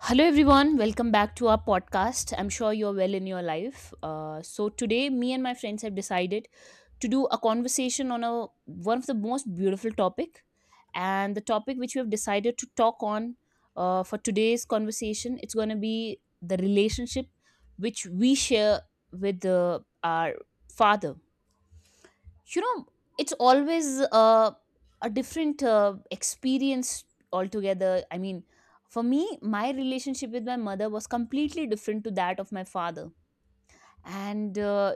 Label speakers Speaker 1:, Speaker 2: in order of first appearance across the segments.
Speaker 1: Hello, everyone. Welcome back to our podcast. I'm sure you're well in your life. Today, me and my friends have decided to do a conversation on a one of the most beautiful topic, and the topic which we have decided to talk on for today's conversation, it's going to be the relationship which we share with our father, you know. It's always a different experience altogether. I mean, for me, my relationship with my mother was completely different to that of my father. And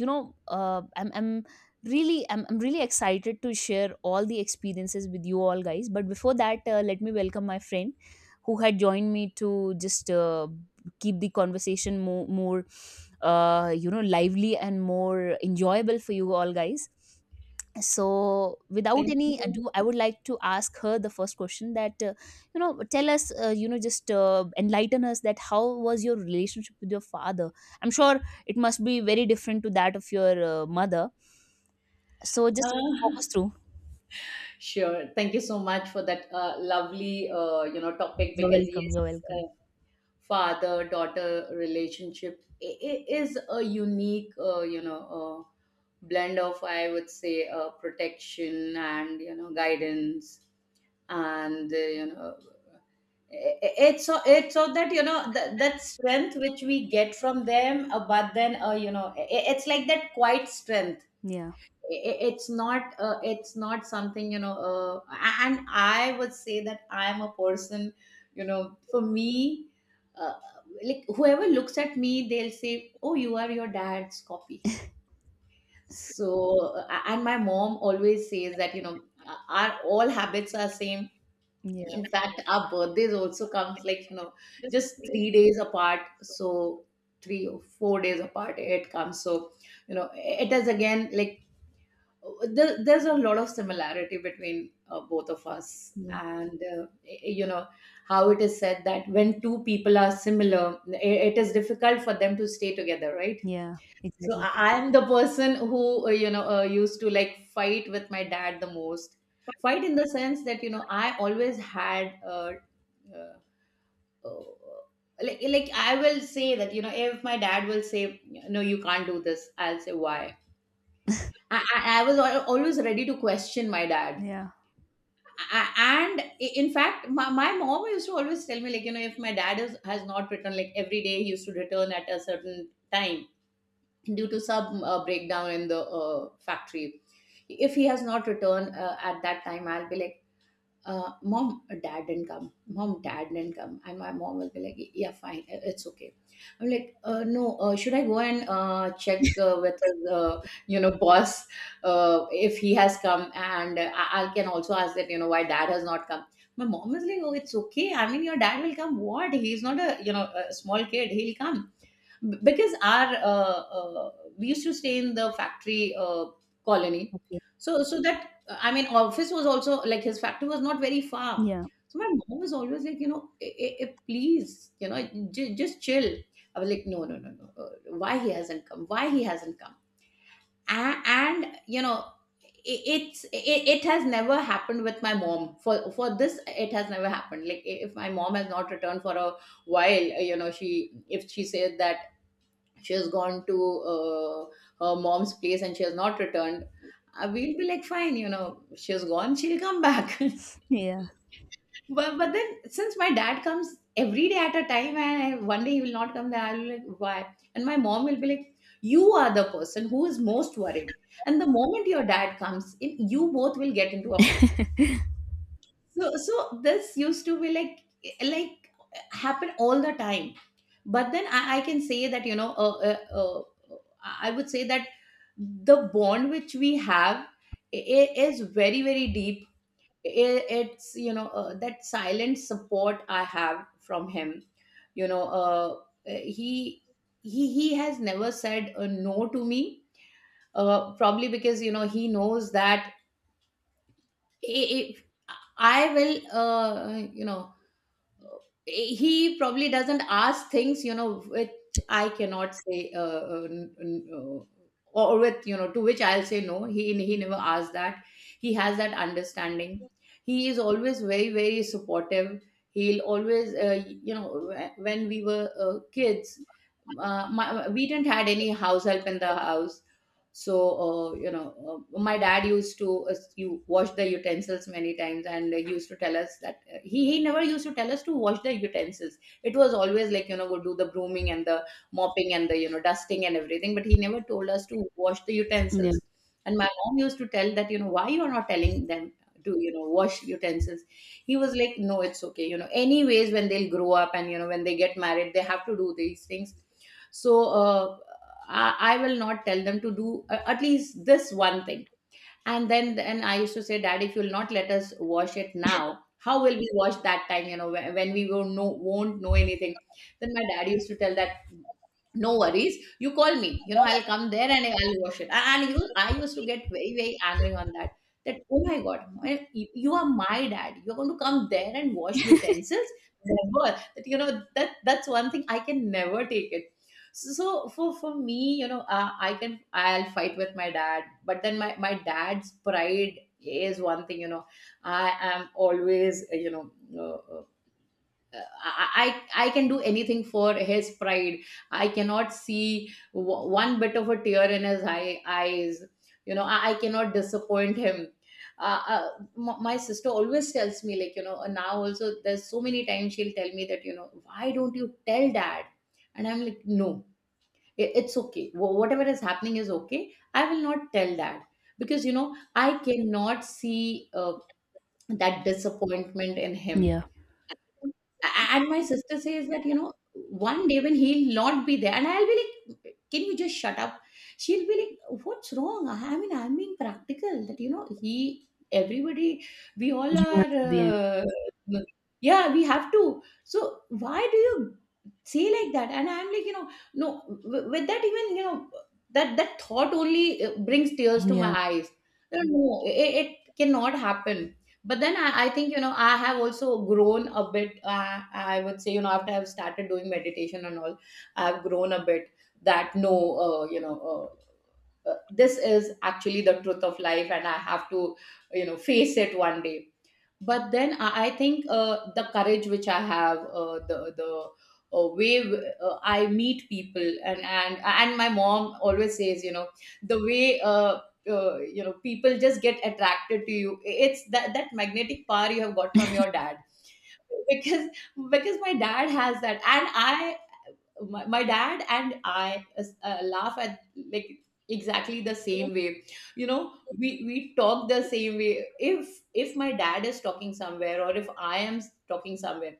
Speaker 1: you know I'm really I'm really excited to share all the experiences with you all guys, but before that, let me welcome my friend who had joined me to just keep the conversation more lively and more enjoyable for you all guys. So without
Speaker 2: Thank
Speaker 1: any
Speaker 2: you.
Speaker 1: ado, I would like to ask her the first question, that tell us, you know just enlighten us that how was your relationship with your father. I'm sure it must be very different to that of your mother. So just walk
Speaker 2: Uh,
Speaker 1: us through.
Speaker 2: sure. Thank you so much for that lovely, topic,
Speaker 1: You're
Speaker 2: because
Speaker 1: welcome,
Speaker 2: yes.
Speaker 1: you're welcome.
Speaker 2: uh, Father-daughter relationship is a unique, uh, blend of, I would say, protection and guidance. And it's so, that, that strength which we get from them. But then, it's like that quiet strength.
Speaker 1: Yeah,
Speaker 2: It's not, it's not something. And I would say that I am a person. For me, uh, like, whoever looks at me, they'll say, oh, you are your dad's copy. So and my mom always says that, our all habits are same.
Speaker 1: yeah,
Speaker 2: In fact, our birthdays also comes, like, just 3 days apart. So 3 or 4 days apart it comes. So, it is, again, like, there's a lot of similarity between, both of us.
Speaker 1: yeah,
Speaker 2: And how it is said that when two people are similar, it is difficult for them to stay together, right?
Speaker 1: yeah,
Speaker 2: So
Speaker 1: exactly.
Speaker 2: I am the person who, used to, like, fight with my dad the most. Fight in the sense that, I always had, uh, uh, like I will say that, if my dad will say no, you can't do this, I'll say why. I was always ready to question my dad.
Speaker 1: Yeah,
Speaker 2: And in fact my mom used to always tell me, like, if my dad is, has not returned, like, every day he used to return at a certain time due to some, breakdown in the, factory. If he has not returned, at that time, I'll be like, mom, dad didn't come, mom, dad didn't come. And my mom will be like, yeah, fine, it's okay. I'm like, no, should I go and, check, with his, boss, if he has come. And I can also ask that, why dad has not come. My mom is like, oh, it's okay, I mean, your dad will come. What, he's not a, a small kid, he'll come. Because our, we used to stay in the factory, colony.
Speaker 1: okay.
Speaker 2: So that, I mean, office was also, like, his factory was not very far.
Speaker 1: Yeah,
Speaker 2: So my mom was always like, please, just chill. I was like, no, no, no, no, why he hasn't come, why he hasn't come. And, it's it has never happened with my mom. For this, it has never happened, like, if my mom has not returned for a while, she, if she said that she has gone to, uh, her mom's place, and she has not returned, we'll be like, fine, she has gone, she'll come back.
Speaker 1: yeah,
Speaker 2: But then, since my dad comes every day at a time, and one day he will not come, then I'll be like, why? And my mom will be like, you are the person who is most worried, and the moment your dad comes in, you both will get into a fight. So this used to be, like, like happen all the time. But then I can say that, I would say that the bond which we have is very, very deep. It's, that silent support I have from him, you know uh, he he has never said a no to me, probably because, he knows that if I will, he probably doesn't ask things, which I cannot say, or with you know to which I'll say no. He never asks that. He has that understanding. He is always very, very supportive. He'll always, when we were, kids, we didn't had any house help in the house. So, my dad used to, you wash the utensils many times, and he used to tell us that, he never used to tell us to wash the utensils. It was always like, go do the brooming and the mopping and the, dusting and everything, but he never told us to wash the
Speaker 1: yeah,
Speaker 2: utensils. And my mom used to tell that, why you're not telling them to, wash utensils. He was like, no, it's okay, anyways, when they'll grow up and, when they get married, they have to do these things. So, I will not tell them to do, at least this one thing. And then I used to say, Dad, if you'll not let us wash it now, how will we wash that time? You know, when we won't know, anything. Then my dad used to tell that no worries, you call me, I'll come there, and I'll wash it. And you, I used to get very, very angry on that, that, oh my god, you are my dad, you're going to come there and wash utensils? Never. That you know that that's one thing I can never take it. So for me, I can, I'll fight with my dad, but then my dad's pride is one thing, I am always, uh, uh, I can do anything for his pride. I cannot see, one bit of a tear in his eye, eyes. You know, I cannot disappoint him. Uh, uh, my sister always tells me, like, now also there's so many times she'll tell me that, why don't you tell dad? And I'm like, no, it's okay. Whatever is happening is okay, I will not tell dad. Because, I cannot see, that disappointment in him.
Speaker 1: yeah,
Speaker 2: And my sister says that, one day, when he'll not be there, and I'll be like, can you just shut up? She'll be like, what's wrong? I mean, I'm being practical. That, he, everybody, we all
Speaker 1: humans at the end.
Speaker 2: are, yeah, we have to. So why do you say like that? And I'm like, no, with that, even, that thought only, brings tears to my
Speaker 1: Yeah,
Speaker 2: eyes. No, no, no, it cannot happen. But then I think, I have also grown a bit, I would say, after I've started doing meditation and all, I've grown a bit, that no, uh, you know this is actually the truth of life, and I have to, face it one day. But then I think, the courage which I have, the way, I meet people, and my mom always says, the way, people just get attracted to you, it's that magnetic power you have got from your dad. Because because my dad has that, and I, my dad and I, laugh at, like, exactly the same way, you know we we talk the same way. If my dad is talking somewhere, or if I am talking somewhere,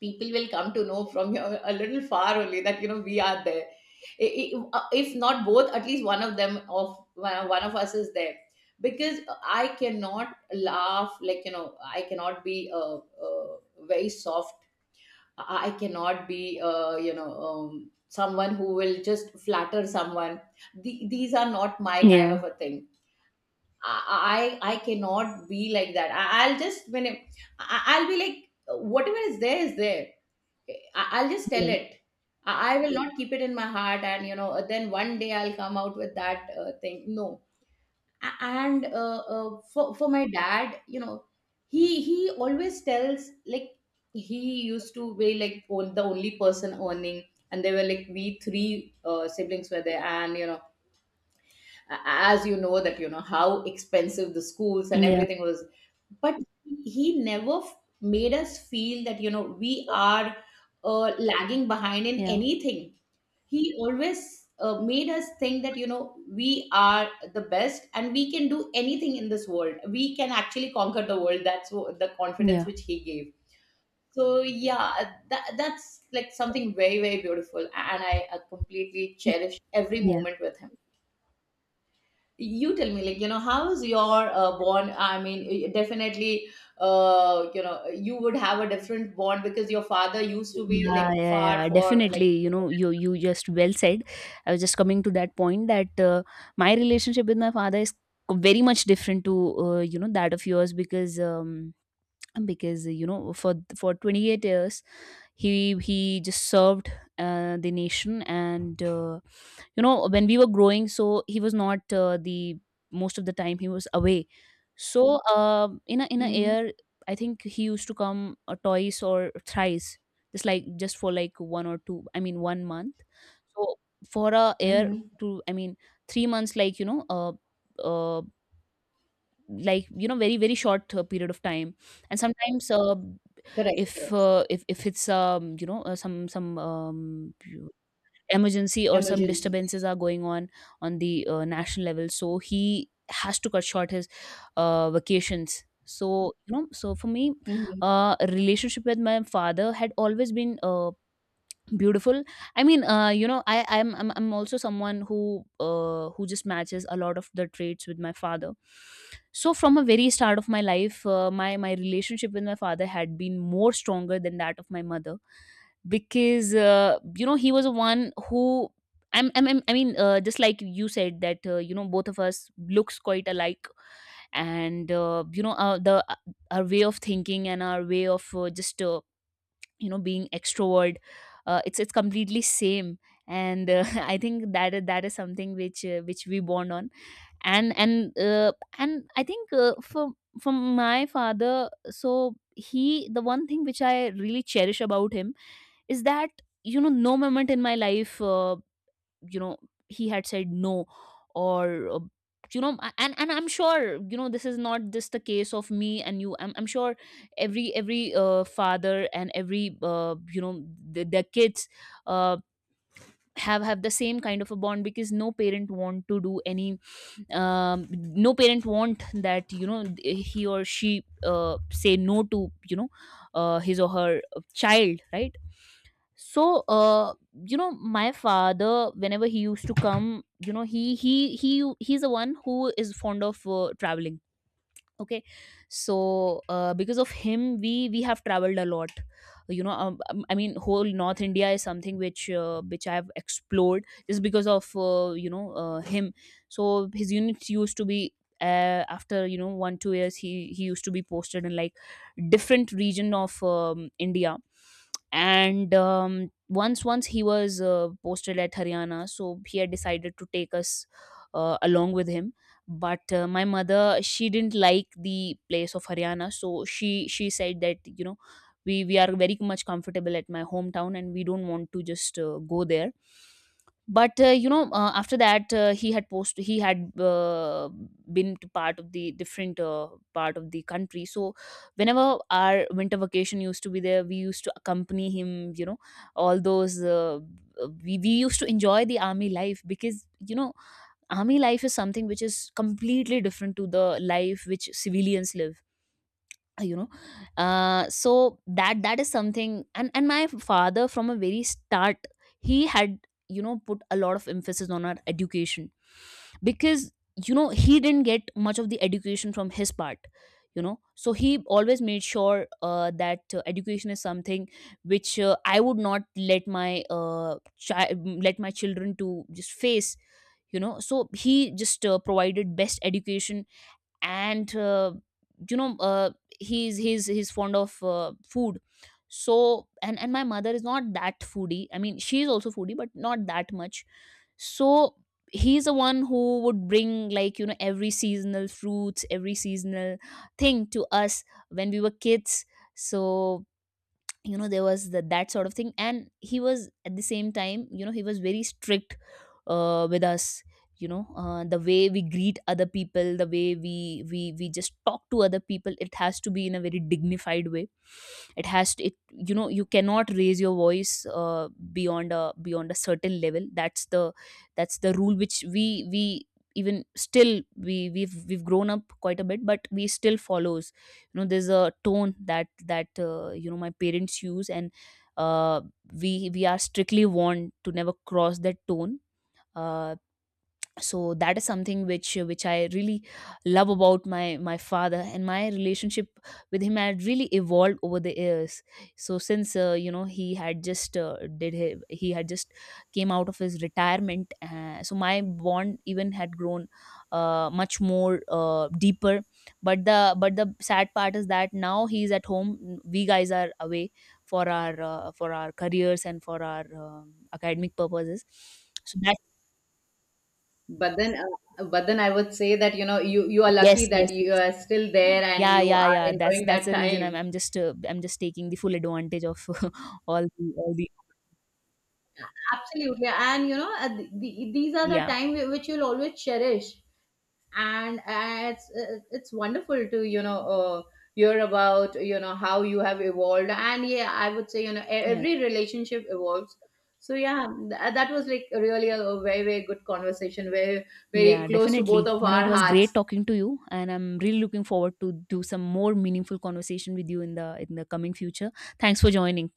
Speaker 2: people will come to know from your a little far only that, we are there. If not both, at least one of them, of one one of us is there. Because I cannot laugh like, I cannot be, very soft. I cannot be, someone who will just flatter someone. These are not my kind of
Speaker 1: yeah,
Speaker 2: a thing. I cannot be like that. I'll just when it, I'll be like whatever is there is there. I, I'll just
Speaker 1: yeah,
Speaker 2: tell it. I will not keep it in my heart, and, then one day I'll come out with that, thing. No, and for my dad, he always tells like he used to be, like, on, the only person earning. And they were like we three, siblings were there, and, as you know that, how expensive the schools and
Speaker 1: yeah,
Speaker 2: everything was. But he never, made us feel that, we are, lagging behind in
Speaker 1: yeah,
Speaker 2: anything. He always, made us think that, we are the best, and we can do anything in this world. We can actually conquer the world. That's, the confidence
Speaker 1: yeah,
Speaker 2: which he gave. So yeah, that's like something very, very beautiful, and I, completely cherish every
Speaker 1: yeah.
Speaker 2: moment with him. You tell me, like, how is your, bond, I mean, definitely, you would have a different bond because your father used to be,
Speaker 1: Yeah,
Speaker 2: like,
Speaker 1: yeah,
Speaker 2: far
Speaker 1: yeah,
Speaker 2: for like.
Speaker 1: definitely. You know, you just well said. I was just coming to that point, that my relationship with my father is very much different to you know, that of yours, because you know, for 28 years he just served the nation. And you know, when we were growing, so he was not the most of the time, he was away. So in a
Speaker 2: Hmm.
Speaker 1: year, I think he used to come twice or thrice, just like just for like one or two, I mean 1 month. So for a year,
Speaker 2: Hmm.
Speaker 1: to I mean 3 months, like you know, uh like you know, very very short period of time. And sometimes,
Speaker 2: Correct,
Speaker 1: if
Speaker 2: correct.
Speaker 1: if it's you know, some emergency or some
Speaker 2: Emergency.
Speaker 1: disturbances are going on the national level, so he has to cut short his vacations. So you know, so for me,
Speaker 2: Mhm.
Speaker 1: relationship with my father had always been beautiful. I mean, you know I I'm also someone who just matches a lot of the traits with my father. So from a very start of my life, my relationship with my father had been more stronger than that of my mother. Because you know, he was the one who, I mean, just like you said that you know, both of us looks quite alike, and you know the our way of thinking and our way of just you know being extrovert, it's completely same, and I think that is something which we bond on, and and I think for from my father, so he the one thing which I really cherish about him is that, you know, no moment in my life, you know he had said no or and I'm sure, you know, this is not just the case of me and you, I'm sure every father and every their kids uh, have the same kind of a bond, because no parent want to do any, no parent want that, you know, he or she say no to you know, his or her child, right? So uh, you know, my father whenever he used to come, you know, he's the one who is fond of traveling. Okay, so because of him, we have traveled a lot, you know. I mean, whole north india is something which I have explored just because of him. So his units used to be, after you know 1 2 years, he used to be posted in, like, different region of india. And once he was posted at haryana, so he had decided to take us along with him. But my mother she didn't like the place of Haryana so she said that you know we are very much comfortable at my hometown and we don't want to just go there but you know, after that, he had been to part of the different part of the country. So whenever our winter vacation used to be there, we used to accompany him. You know, all those we used to enjoy the army life, because, you know, army life is something which is completely different to the life which civilians live. uh, you know so that that is something. And my father from a very start, he had, you know, put a lot of emphasis on our education, because, you know, he didn't get much of the education from his part. You know, so he always made sure that education is something which I would not let my chi- let my children to just face. You know, so he just provided best education. And you know uh, he's fond of food. So, and my mother is not that foodie, I mean, she's also foodie but not that much. So he's the one who would bring, like, you know, every seasonal fruits, every seasonal thing to us when we were kids. So you know, there was that sort of thing. And he was at the same time, you know, he was very strict with us. You know, the way we greet other people, the way we just talk to other people, it has to be in a very dignified way. It has to it you know, you cannot raise your voice beyond a certain level. That's the rule which we even still we we've grown up quite a bit, but we still follow. You know, there's a tone that you know my parents use, and uh, we are strictly warned to never cross that tone. uh, so that is something which I really love about my father. And my relationship with him had really evolved over the years. So since you know, he had just did he had just came out of his retirement, so my bond even had grown much more deeper. But the sad part is that now he's at home, we guys are away for our careers and for our academic purposes. So that.
Speaker 2: But then, but then I would say that, you you are lucky
Speaker 1: Yes,
Speaker 2: that
Speaker 1: yes,
Speaker 2: you
Speaker 1: yes.
Speaker 2: are still there and
Speaker 1: Yeah,
Speaker 2: you
Speaker 1: yeah,
Speaker 2: are
Speaker 1: yeah,
Speaker 2: enjoying
Speaker 1: that's
Speaker 2: that
Speaker 1: the reason.
Speaker 2: time.
Speaker 1: I'm just I'm just taking the full advantage of all the.
Speaker 2: Absolutely. And you know, the, these are the
Speaker 1: Yeah,
Speaker 2: time which you'll always cherish. And, it's, it's wonderful to, hear about, how you have evolved. And yeah, I would say,
Speaker 1: yeah,
Speaker 2: every relationship evolves. So yeah, that was like really a very, very good conversation, very, very
Speaker 1: yeah,
Speaker 2: close to both
Speaker 1: definitely.
Speaker 2: of
Speaker 1: You know, it
Speaker 2: our
Speaker 1: was great
Speaker 2: hearts.
Speaker 1: talking to you, and I'm really looking forward to do some more meaningful conversation with you in the coming future. Thanks for joining.